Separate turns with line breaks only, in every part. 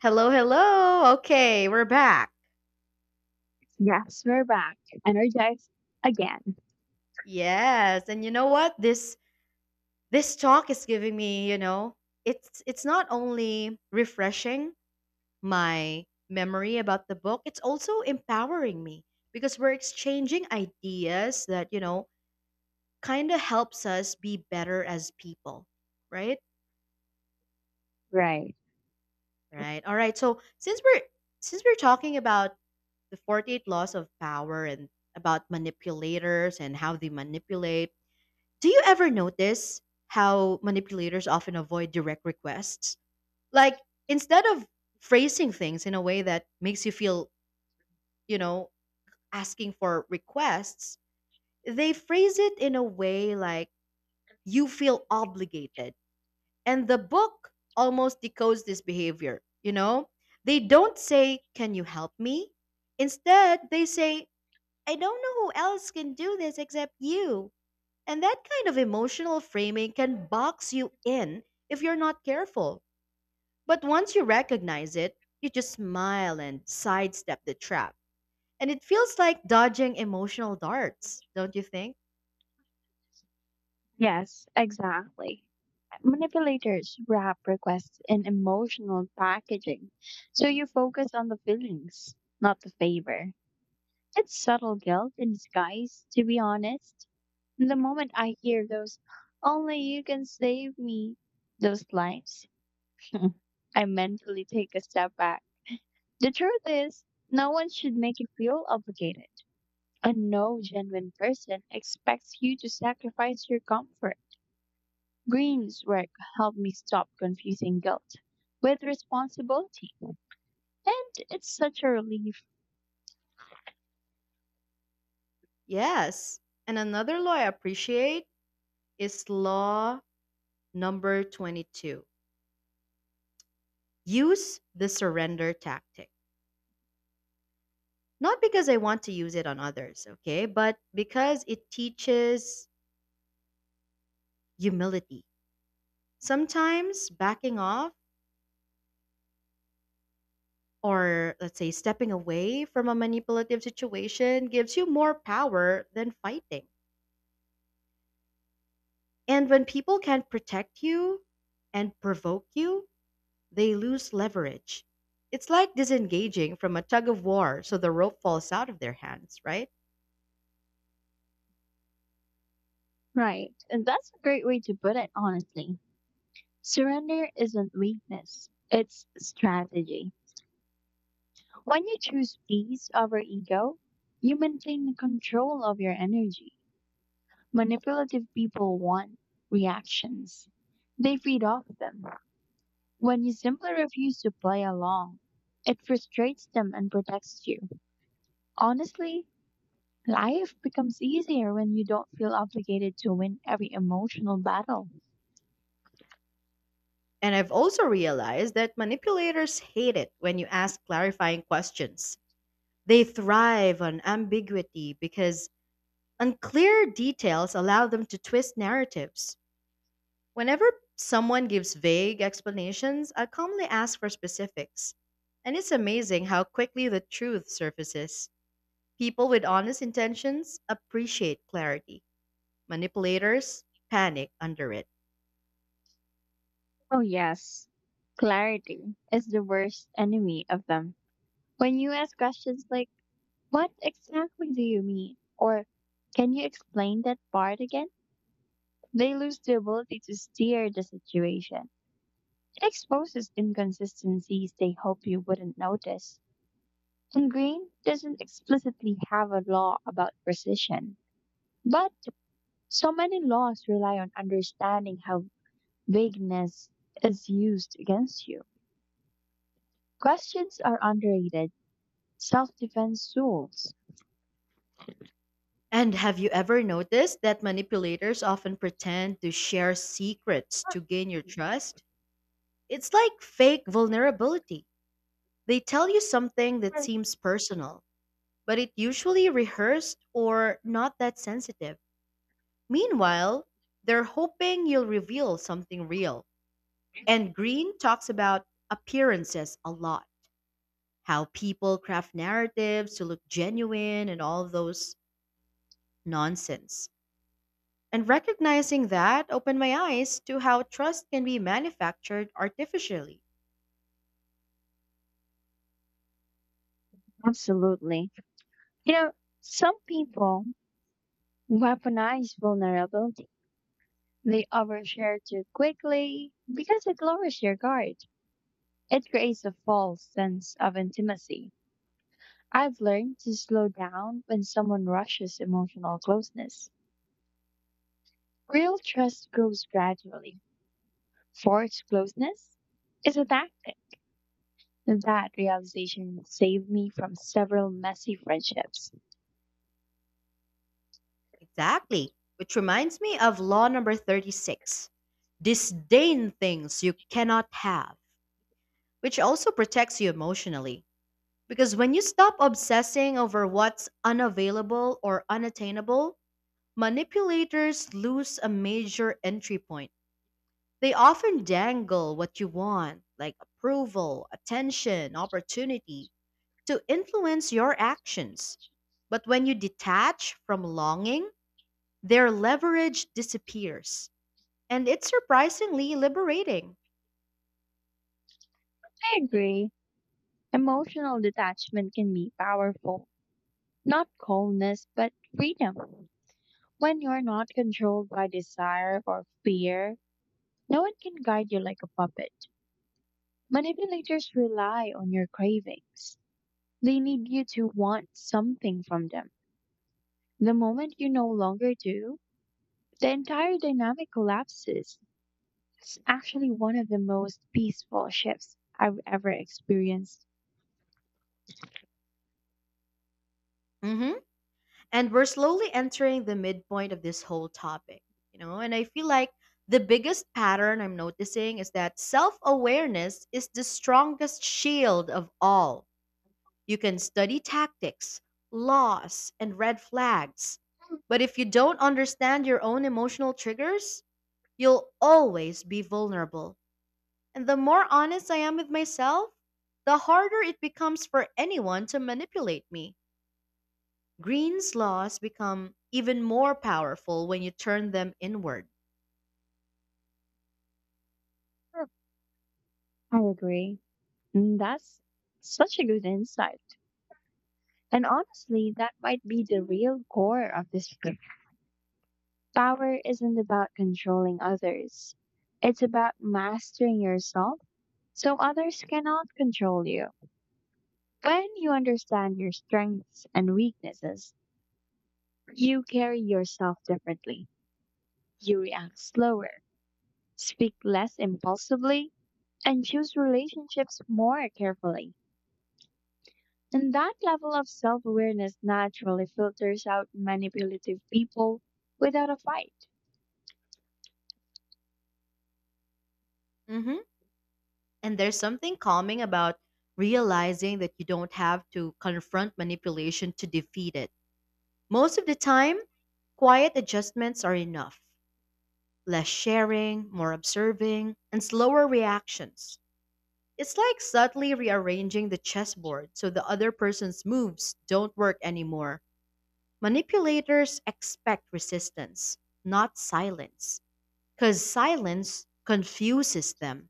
Hello, hello. Okay, we're back.
Yes, we're back, energized again.
Yes, and you know what? This talk is giving me, it's not only refreshing my memory about the book, it's also empowering me because we're exchanging ideas that, you know, kind of helps us be better as people, right?
Right.
Right. All right. So, since we're talking about the 48 laws of power and about manipulators and how they manipulate. Do you ever notice how manipulators often avoid direct requests? Like, instead of phrasing things in a way that makes you feel, you know, asking for requests, they phrase it in a way like you feel obligated. And the book almost decodes this behavior, you know? They don't say, "Can you help me?" Instead, they say, "I don't know who else can do this except you." And that kind of emotional framing can box you in if you're not careful. But once you recognize it, you just smile and sidestep the trap. And it feels like dodging emotional darts, don't you think?
Yes, exactly. Manipulators wrap requests in emotional packaging, so you focus on the feelings, not the favor. It's subtle guilt in disguise, to be honest. The moment I hear those, "only you can save me," those lines, I mentally take a step back. The truth is, no one should make you feel obligated. And no genuine person expects you to sacrifice your comfort. Green's work helped me stop confusing guilt with responsibility. And it's such a relief.
Yes. And another law I appreciate is law number 22, use the surrender tactic. Not because I want to use it on others, okay, but because it teaches humility. Sometimes backing off or, let's say, stepping away from a manipulative situation gives you more power than fighting. And when people can protect you and provoke you, they lose leverage. It's like disengaging from a tug of war so the rope falls out of their hands, right?
Right. And that's a great way to put it, honestly. Surrender isn't weakness, it's strategy. When you choose peace over ego, you maintain control of your energy. Manipulative people want reactions, they feed off them. When you simply refuse to play along, it frustrates them and protects you. Honestly, life becomes easier when you don't feel obligated to win every emotional battle.
And I've also realized that manipulators hate it when you ask clarifying questions. They thrive on ambiguity because unclear details allow them to twist narratives. Whenever someone gives vague explanations, I calmly ask for specifics. And it's amazing how quickly the truth surfaces. People with honest intentions appreciate clarity. Manipulators panic under it.
Oh, yes. Clarity is the worst enemy of them. When you ask questions like, "What exactly do you mean?" or "Can you explain that part again?" they lose the ability to steer the situation. It exposes inconsistencies they hope you wouldn't notice. And green doesn't explicitly have a law about precision, but so many laws rely on understanding how vagueness is used against you. Questions are underrated self defense tools.
And have you ever noticed that manipulators often pretend to share secrets to gain your trust? It's like fake vulnerability. They tell you something that seems personal, but it usually rehearsed or not that sensitive. Meanwhile, they're hoping you'll reveal something real. And Green talks about appearances a lot, how people craft narratives to look genuine and all those nonsense. And recognizing that opened my eyes to how trust can be manufactured artificially.
Absolutely. You know, some people weaponize vulnerability. They overshare too quickly because it lowers your guard. It creates a false sense of intimacy. I've learned to slow down when someone rushes emotional closeness. Real trust grows gradually. Forced closeness is a tactic. That realization saved me from several messy friendships.
Exactly. Which reminds me of law number 36, disdain things you cannot have, which also protects you emotionally. Because when you stop obsessing over what's unavailable or unattainable, manipulators lose a major entry point. They often dangle what you want, like approval, attention, opportunity, to influence your actions. But when you detach from longing, their leverage disappears. And it's surprisingly liberating.
I agree. Emotional detachment can be powerful. Not coldness, but freedom. When you're not controlled by desire or fear, no one can guide you like a puppet. Manipulators rely on your cravings. They need you to want something from them. The moment you no longer do, the entire dynamic collapses. It's actually one of the most peaceful shifts I've ever experienced.
Mhm. And we're slowly entering the midpoint of this whole topic, you know, and I feel like the biggest pattern I'm noticing is that self-awareness is the strongest shield of all. You can study tactics, laws, and red flags, but if you don't understand your own emotional triggers, you'll always be vulnerable. And the more honest I am with myself, the harder it becomes for anyone to manipulate me. Green's laws become even more powerful when you turn them inward.
Sure. I agree. That's such a good insight. And honestly, that might be the real core of this book. Power isn't about controlling others, it's about mastering yourself so others cannot control you. When you understand your strengths and weaknesses, you carry yourself differently. You react slower, speak less impulsively, and choose relationships more carefully. And that level of self awareness naturally filters out manipulative people without a fight.
Hmm. And there's something calming about realizing that you don't have to confront manipulation to defeat it. Most of the time, quiet adjustments are enough. Less sharing, more observing, and slower reactions. It's like subtly rearranging the chessboard so the other person's moves don't work anymore. Manipulators expect resistance, not silence, because silence confuses them.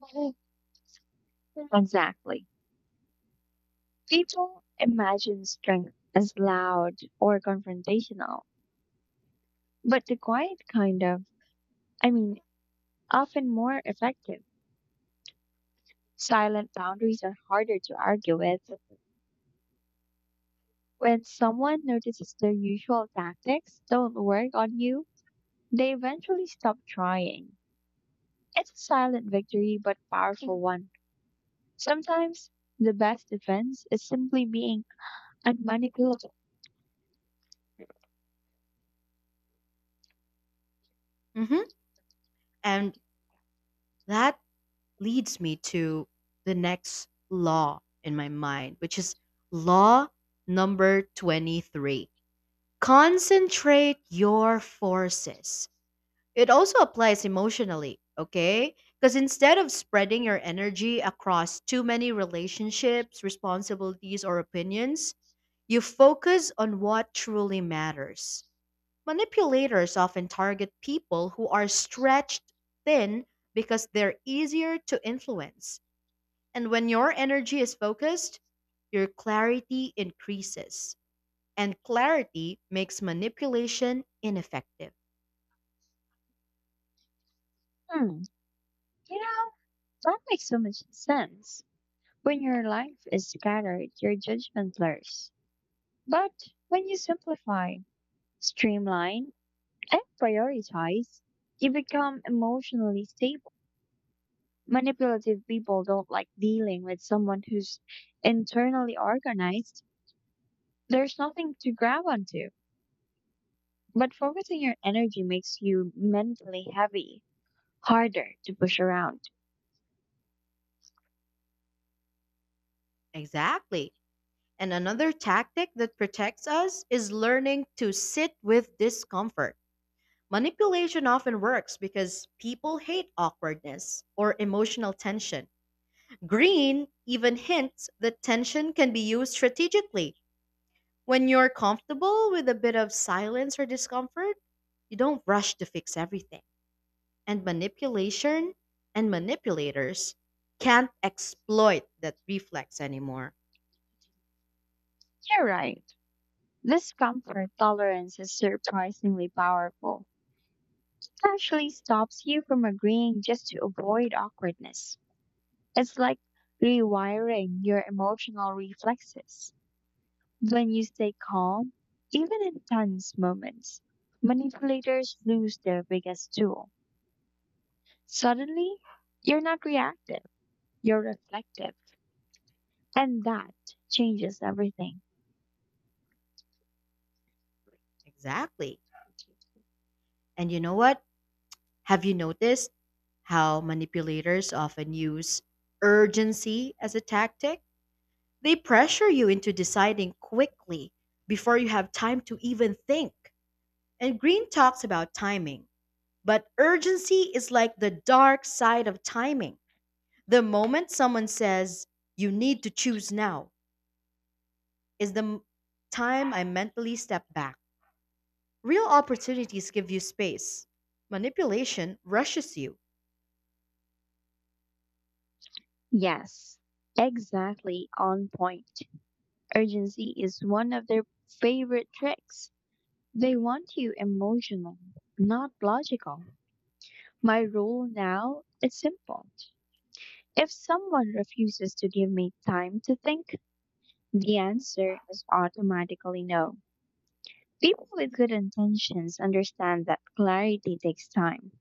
Mhm. Exactly. People imagine strength as loud or confrontational, but the quiet kind of, I mean, often more effective. Silent boundaries are harder to argue with. When someone notices their usual tactics don't work on you, they eventually stop trying. It's a silent victory, but powerful one. Sometimes the best defense is simply being unmanageable.
Mhm. And that leads me to the next law in my mind, which is law number 23, concentrate your forces. It also applies emotionally, okay? Because instead of spreading your energy across too many relationships, responsibilities, or opinions, you focus on what truly matters. Manipulators often target people who are stretched thin because they're easier to influence. And when your energy is focused, your clarity increases. And clarity makes manipulation ineffective.
Hmm, you know, that makes so much sense. When your life is scattered, your judgment blurs. But when you simplify, streamline, and prioritize, you become emotionally stable. Manipulative people don't like dealing with someone who's internally organized. There's nothing to grab onto. But focusing your energy makes you mentally heavy, harder to push around.
Exactly. And another tactic that protects us is learning to sit with discomfort. Manipulation often works because people hate awkwardness or emotional tension. Green even hints that tension can be used strategically. When you're comfortable with a bit of silence or discomfort, you don't rush to fix everything. And manipulation and manipulators can't exploit that reflex anymore.
You're right. This comfort tolerance is surprisingly powerful. It actually stops you from agreeing just to avoid awkwardness. It's like rewiring your emotional reflexes. When you stay calm, even in tense moments, manipulators lose their biggest tool. Suddenly, you're not reactive, you're reflective, and that changes everything.
Exactly. And you know what? Have you noticed how manipulators often use urgency as a tactic? They pressure you into deciding quickly before you have time to even think. And Green talks about timing, but urgency is like the dark side of timing. The moment someone says, "You need to choose now," is the time I mentally step back. Real opportunities give you space, manipulation rushes you.
Yes, exactly on point. Urgency is one of their favorite tricks. They want you emotional, not logical. My rule now is simple. If someone refuses to give me time to think, the answer is automatically no. People with good intentions understand that clarity takes time.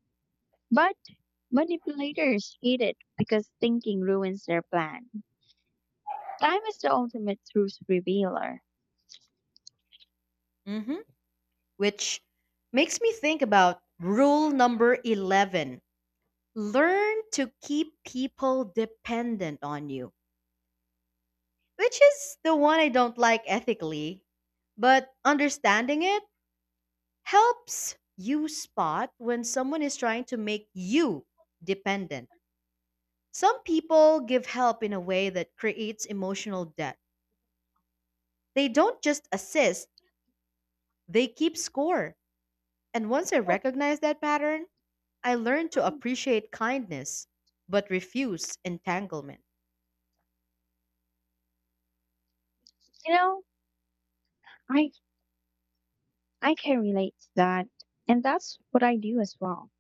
But manipulators hate it because thinking ruins their plan. Time is the ultimate truth revealer.
Hmm. Which makes me think about rule number 11, learn to keep people dependent on you, which is the one I don't like ethically. But understanding it helps you spot when someone is trying to make you dependent. Some people give help in a way that creates emotional debt. They don't just assist, they keep score. And once I recognized that pattern, I learned to appreciate kindness but refuse entanglement.
You know, I I can relate to that. And that's what I do as well.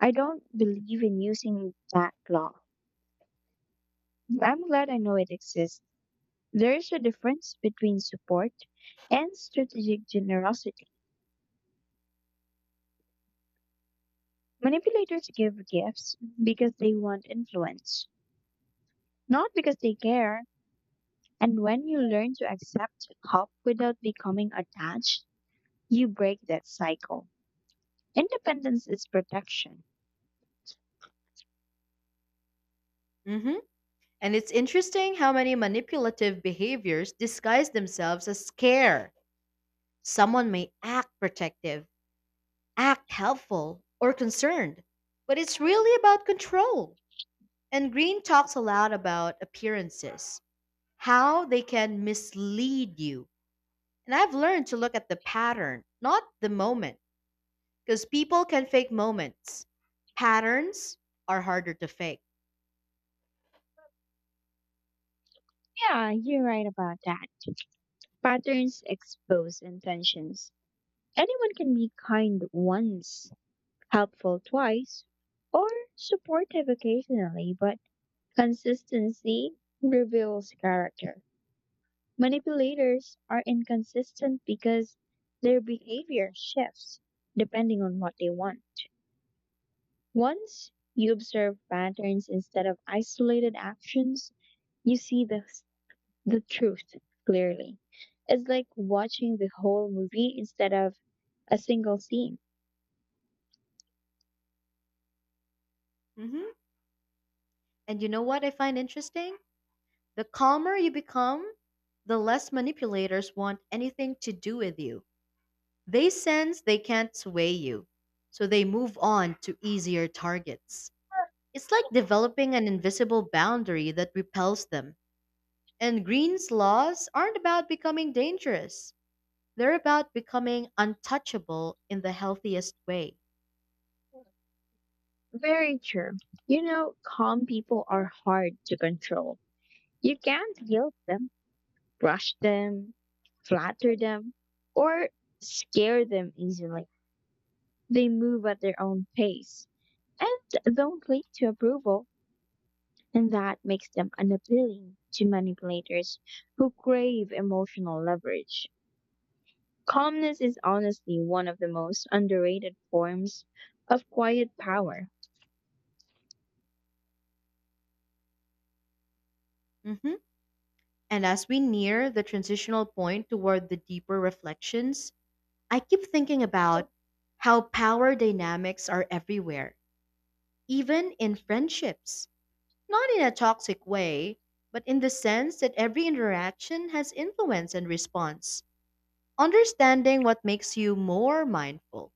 I don't believe in using that law. I'm glad I know it exists. There is a difference between support and strategic generosity. Manipulators give gifts because they want influence, not because they care. And when you learn to accept help without becoming attached, you break that cycle. Independence is protection.
Mhm. And it's interesting how many manipulative behaviors disguise themselves as care. Someone may act protective, act helpful or concerned, but it's really about control. And Green talks a lot about appearances, how they can mislead you. And I've learned to look at the pattern, not the moment, because people can fake moments. Patterns are harder to fake.
Yeah, you're right about that. Patterns expose intentions. Anyone can be kind once, helpful twice, or supportive occasionally, but consistency reveals character. Manipulators are inconsistent because their behavior shifts depending on what they want. Once you observe patterns instead of isolated actions, you see the truth clearly. It's like watching the whole movie instead of a single scene.
Mhm. And you know what I find interesting? The calmer you become, the less manipulators want anything to do with you. They sense they can't sway you, so they move on to easier targets. It's like developing an invisible boundary that repels them. And Green's laws aren't about becoming dangerous, they're about becoming untouchable in the healthiest way.
Very true. You know, calm people are hard to control. You can't guilt them, rush them, flatter them, or scare them easily. They move at their own pace and don't cling to approval, and that makes them unappealing to manipulators who crave emotional leverage. Calmness is honestly one of the most underrated forms of quiet power.
Mhm. And as we near the transitional point toward the deeper reflections, I keep thinking about how power dynamics are everywhere, even in friendships. Not in a toxic way, but in the sense that every interaction has influence and response. Understanding what makes you more mindful,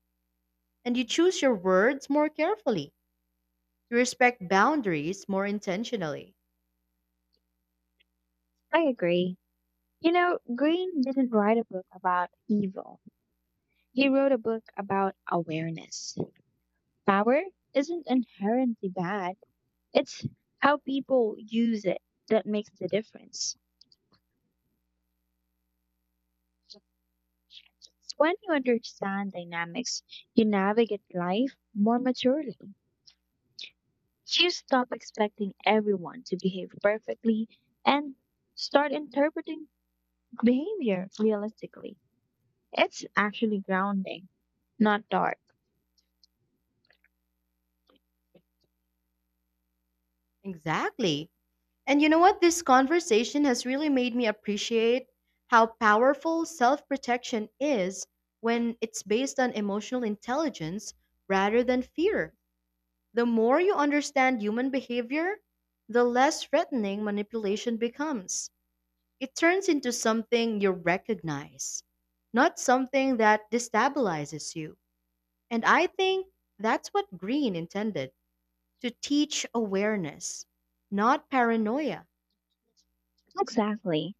and you choose your words more carefully. You respect boundaries more intentionally.
I agree. You know, Green didn't write a book about evil. He wrote a book about awareness. Power isn't inherently bad. It's how people use it that makes the difference. When you understand dynamics, you navigate life more maturely. You stop expecting everyone to behave perfectly and start interpreting behavior realistically. It's actually grounding, not dark.
Exactly. And you know what? This conversation has really made me appreciate how powerful self protection is when it's based on emotional intelligence rather than fear. The more you understand human behavior, the less threatening manipulation becomes. It turns into something you recognize, not something that destabilizes you. And I think that's what Green intended, to teach awareness, not paranoia.
Exactly.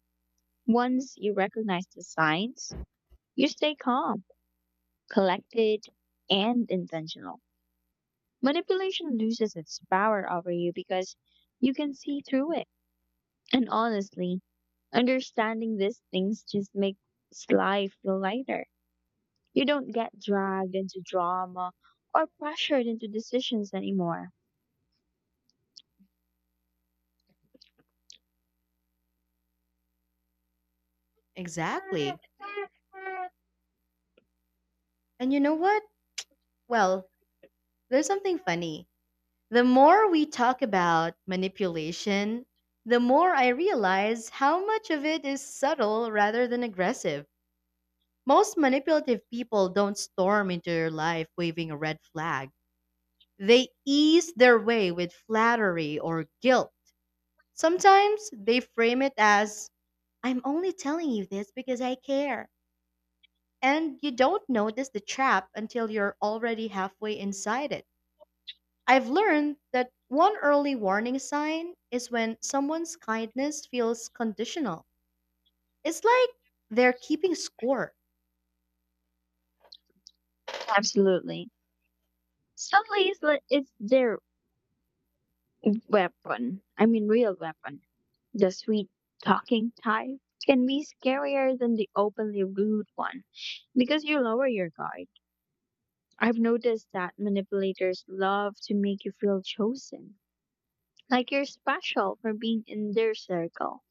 Once you recognize the signs, you stay calm, collected, and intentional. Manipulation loses its power over you because you can see through it. And honestly, understanding these things just makes life feel lighter. You don't get dragged into drama or pressured into decisions anymore.
Exactly. And you know what? Well, there's something funny. The more we talk about manipulation, the more I realize how much of it is subtle rather than aggressive. Most manipulative people don't storm into your life waving a red flag. They ease their way with flattery or guilt. Sometimes they frame it as, "I'm only telling you this because I care." And you don't notice the trap until you're already halfway inside it. I've learned that one early warning sign is when someone's kindness feels conditional. It's like they're keeping score.
Absolutely. Suddenly, it's their weapon. Real weapon. The sweet talking type can be scarier than the openly rude one because you lower your guard. I've noticed that manipulators love to make you feel chosen, like you're special for being in their circle.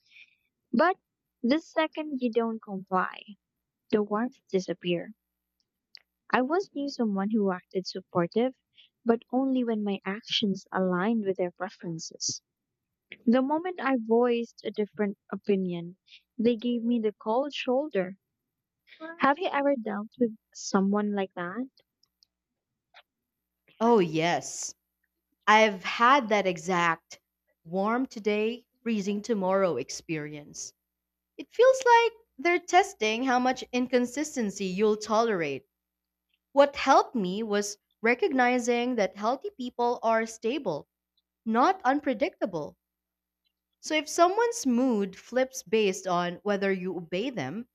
But the second you don't comply, the warmth disappear. I once knew someone who acted supportive, but only when my actions aligned with their preferences. The moment I voiced a different opinion, they gave me the cold shoulder. Have you ever dealt with someone like that?
Oh, yes. I've had that exact warm today, freezing tomorrow experience. It feels like they're testing how much inconsistency you'll tolerate. What helped me was recognizing that healthy people are stable, not unpredictable. So if someone's mood flips based on whether you obey them,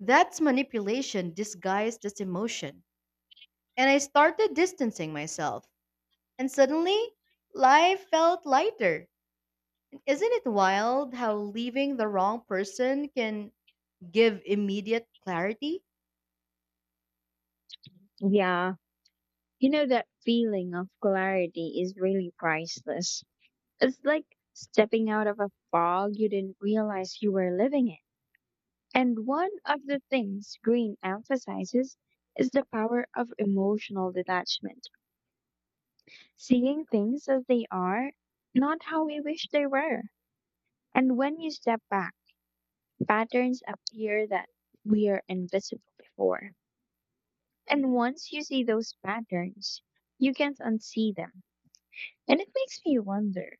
that's manipulation disguised as emotion. And I started distancing myself, and suddenly life felt lighter. Isn't it wild how leaving the wrong person can give immediate clarity?
Yeah, you know that feeling of clarity is really priceless. It's like stepping out of a fog you didn't realize you were living in. And one of the things Green emphasizes is the power of emotional detachment, seeing things as they are, not how we wish they were. And when you step back, patterns appear that were invisible before. And once you see those patterns, you can't unsee them. And it makes me wonder,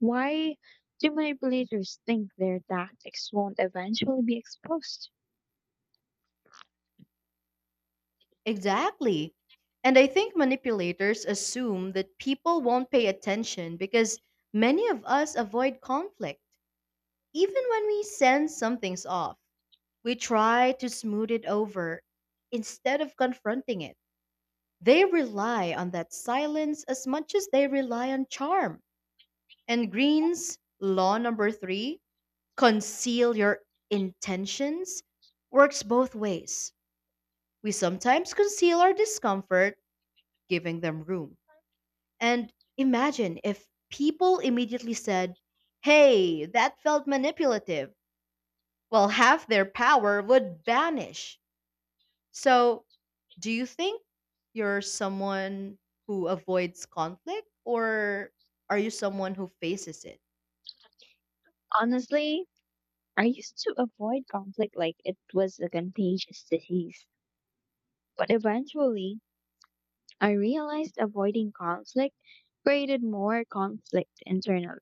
why do manipulators think their tactics won't eventually be exposed?
Exactly. And I think manipulators assume that people won't pay attention because many of us avoid conflict. Even when we sense something's off, we try to smooth it over instead of confronting it. They rely on that silence as much as they rely on charm. And Green's law number three, conceal your intentions, works both ways. We sometimes conceal our discomfort, giving them room. And imagine if people immediately said, "Hey, that felt manipulative." Well, half their power would vanish. So, do you think you're someone who avoids conflict or are you someone who faces it?
Honestly, I used to avoid conflict like it was a contagious disease, but eventually I realized avoiding conflict created more conflict internally.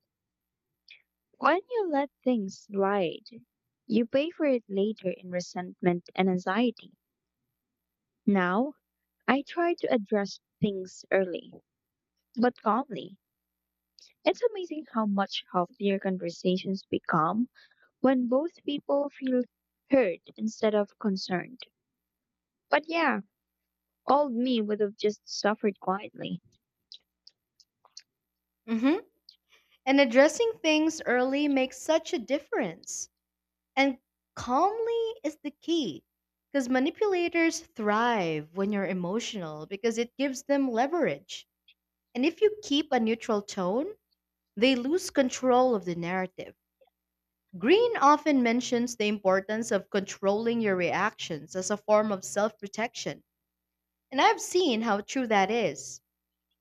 When you let things slide, you pay for it later in resentment and anxiety. Now, I try to address things early, but calmly. It's amazing how much healthier conversations become when both people feel heard instead of concerned. But yeah, old me would have just suffered quietly.
Hmm. And addressing things early makes such a difference. And calmly is the key because manipulators thrive when you're emotional because it gives them leverage. And if you keep a neutral tone, they lose control of the narrative. Green often mentions the importance of controlling your reactions as a form of self protection. And I've seen how true that is.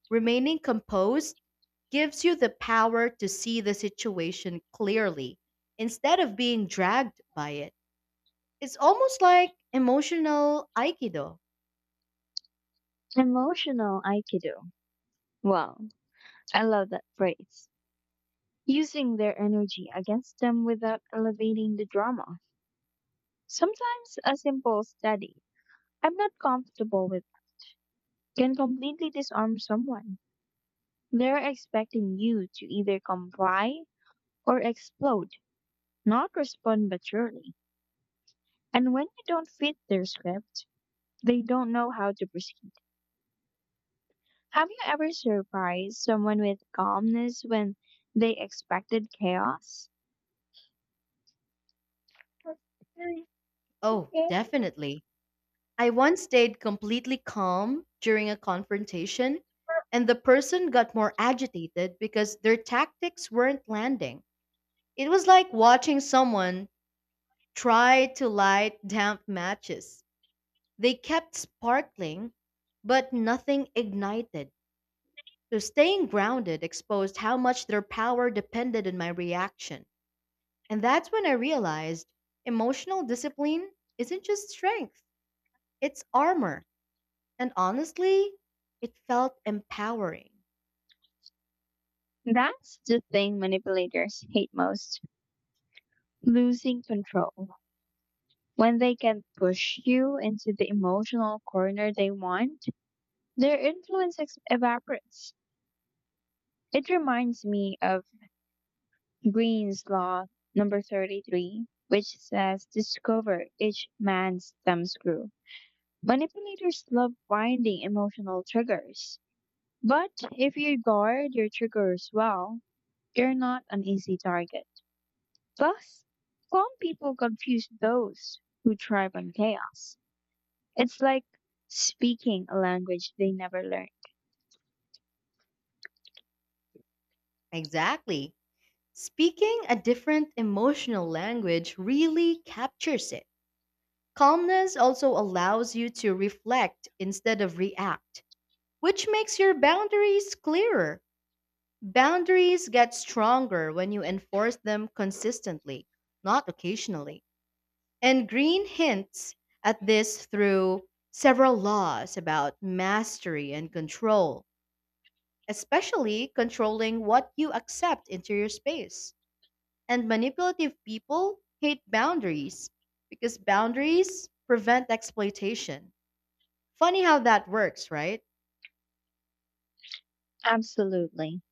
Remaining composed gives you the power to see the situation clearly instead of being dragged by it. It's almost like emotional Aikido.
Emotional Aikido. Wow, I love that phrase. Using their energy against them without elevating the drama. Sometimes a simple study, "I'm not comfortable with," can completely disarm someone. They're expecting you to either comply or explode, not respond maturely. And when you don't fit their script, they don't know how to proceed. Have you ever surprised someone with calmness when they expected chaos?
Oh, definitely. I once stayed completely calm during a confrontation, and the person got more agitated because their tactics weren't landing. It was like watching someone try to light damp matches. They kept sparkling, but nothing ignited. So staying grounded exposed how much their power depended on my reaction. And that's when I realized emotional discipline isn't just strength, it's armor. And honestly, it felt empowering.
That's the thing manipulators hate most, losing control. When they can push you into the emotional corner they want, their influence evaporates. It reminds me of Green's Law number 33, which says discover each man's thumbscrew. Manipulators love finding emotional triggers. But if you guard your triggers well, you're not an easy target. Plus, some people confuse those who thrive on chaos. It's like speaking a language they never learned.
Exactly. Speaking a different emotional language really captures it. Calmness also allows you to reflect instead of react, which makes your boundaries clearer. Boundaries get stronger when you enforce them consistently, not occasionally. And Green hints at this through several laws about mastery and control, especially controlling what you accept into your space. And manipulative people hate boundaries because boundaries prevent exploitation. Funny how that works, right?
Absolutely.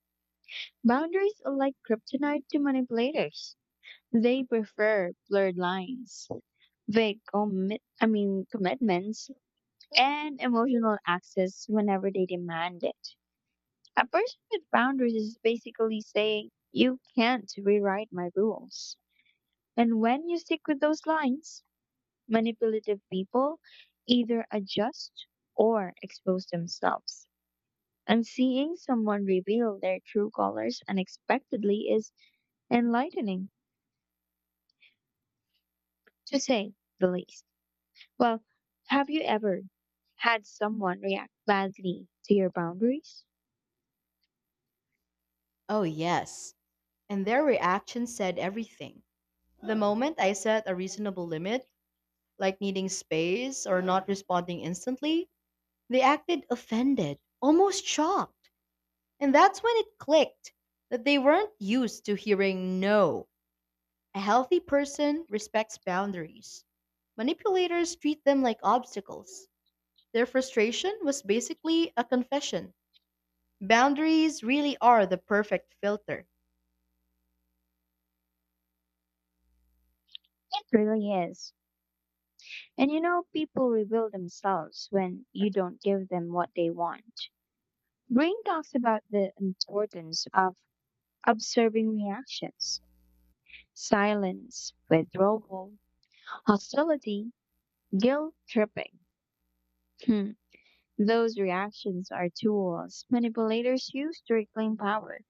Boundaries are like kryptonite to manipulators. They prefer blurred lines, vague commitments, and emotional access whenever they demand it. A person with boundaries is basically saying, you can't rewrite my rules. And when you stick with those lines, manipulative people either adjust or expose themselves. And seeing someone reveal their true colors unexpectedly is enlightening, to say the least. Well, have you ever had someone react badly to your boundaries?
Oh, yes. And their reaction said everything. The moment I set a reasonable limit, like needing space or not responding instantly, they acted offended, almost shocked. And that's when it clicked that they weren't used to hearing no. A healthy person respects boundaries. Manipulators treat them like obstacles. Their frustration was basically a confession. Boundaries really are the perfect filter.
It really is. And you know, people reveal themselves when you don't give them what they want. Brain talks about the importance of observing reactions, silence, withdrawal, hostility, guilt tripping. Hmm. Those reactions are tools manipulators use to reclaim power.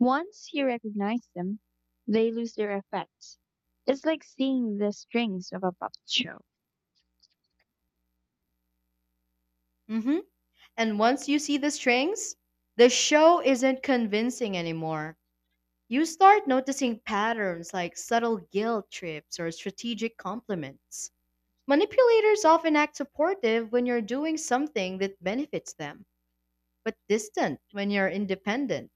Once you recognize them, they lose their effects. It's like seeing the strings of a puppet show.
Hmm. And once you see the strings, the show isn't convincing anymore. You start noticing patterns like subtle guilt trips or strategic compliments. Manipulators often act supportive when you're doing something that benefits them, but distant when you're independent.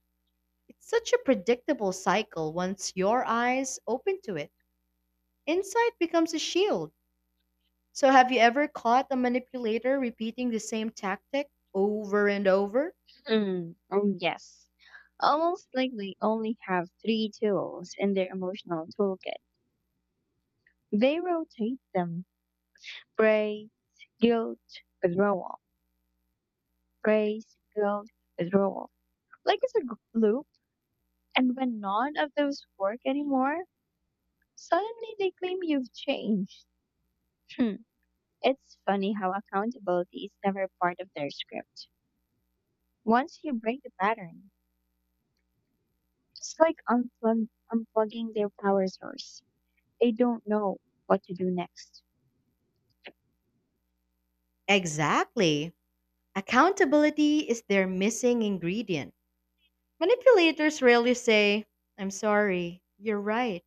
It's such a predictable cycle once your eyes open to it. Insight becomes a shield. So, have you ever caught a manipulator repeating the same tactic over and over?
Oh, yes. Almost like they only have three tools in their emotional toolkit. They rotate them: praise, guilt, withdrawal, praise, guilt, withdrawal. Like it's a loop, and when none of those work anymore, suddenly they claim you've changed. Hmm. It's funny how accountability is never part of their script. Once you break the pattern, it's like unplugging their power source. They don't know what to do next.
Exactly. Accountability is their missing ingredient. Manipulators rarely say, "I'm sorry, you're right."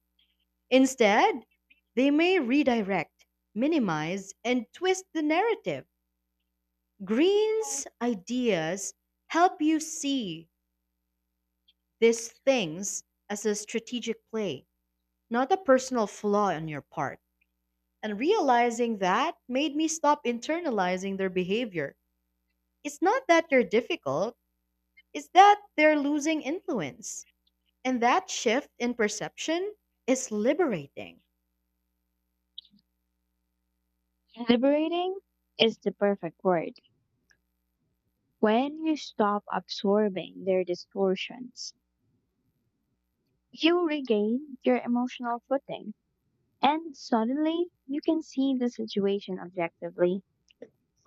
Instead, they may redirect, minimize, and twist the narrative. Green's ideas help you see these things as a strategic play, not a personal flaw on your part. And realizing that made me stop internalizing their behavior. It's not that they're difficult, it's that they're losing influence. And that shift in perception is liberating.
Liberating is the perfect word. When you stop absorbing their distortions, you regain your emotional footing. And suddenly, you can see the situation objectively,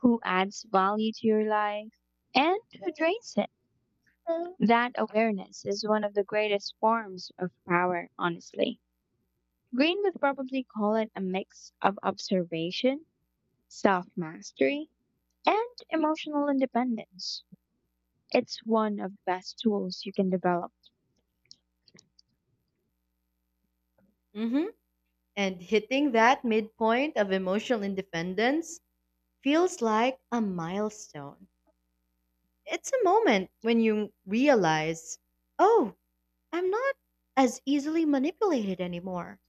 who adds value to your life and who drains it. That awareness is one of the greatest forms of power, honestly. Green would probably call it a mix of observation, self mastery, and emotional independence. It's one of the best tools you can develop.
Mhm. And hitting that midpoint of emotional independence feels like a milestone. It's a moment when you realize, oh, I'm not as easily manipulated anymore.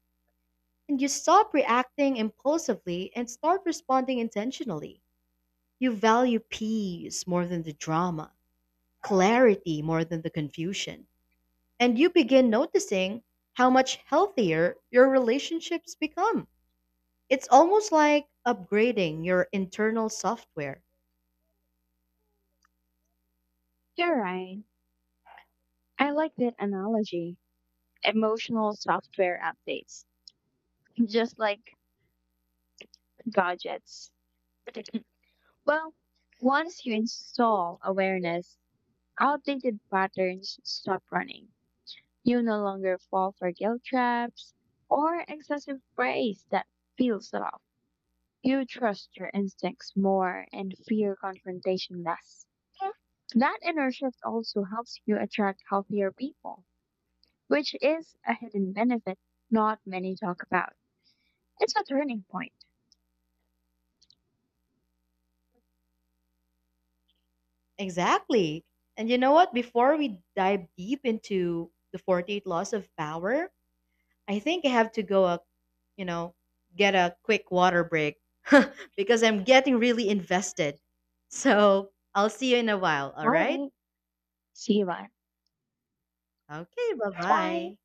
And you stop reacting impulsively and start responding intentionally. You value peace more than the drama, clarity more than the confusion. And you begin noticing how much healthier your relationships become. It's almost like upgrading your internal software.
You're right. I like that analogy. Emotional software updates, just like gadgets. Well, once you install awareness, outdated patterns stop running. You no longer fall for guilt traps or excessive praise that feels off. You trust your instincts more and fear confrontation less. That inner shift also helps you attract healthier people, which is a hidden benefit not many talk about. It's a turning point.
Exactly. And you know what? Before we dive deep into the 48 laws of power, I think I have to go a, you know, get a quick water break because I'm getting really invested. So, I'll see you in a while, all
All
right?
right. See you later.
Okay,
Bye.
bye-bye.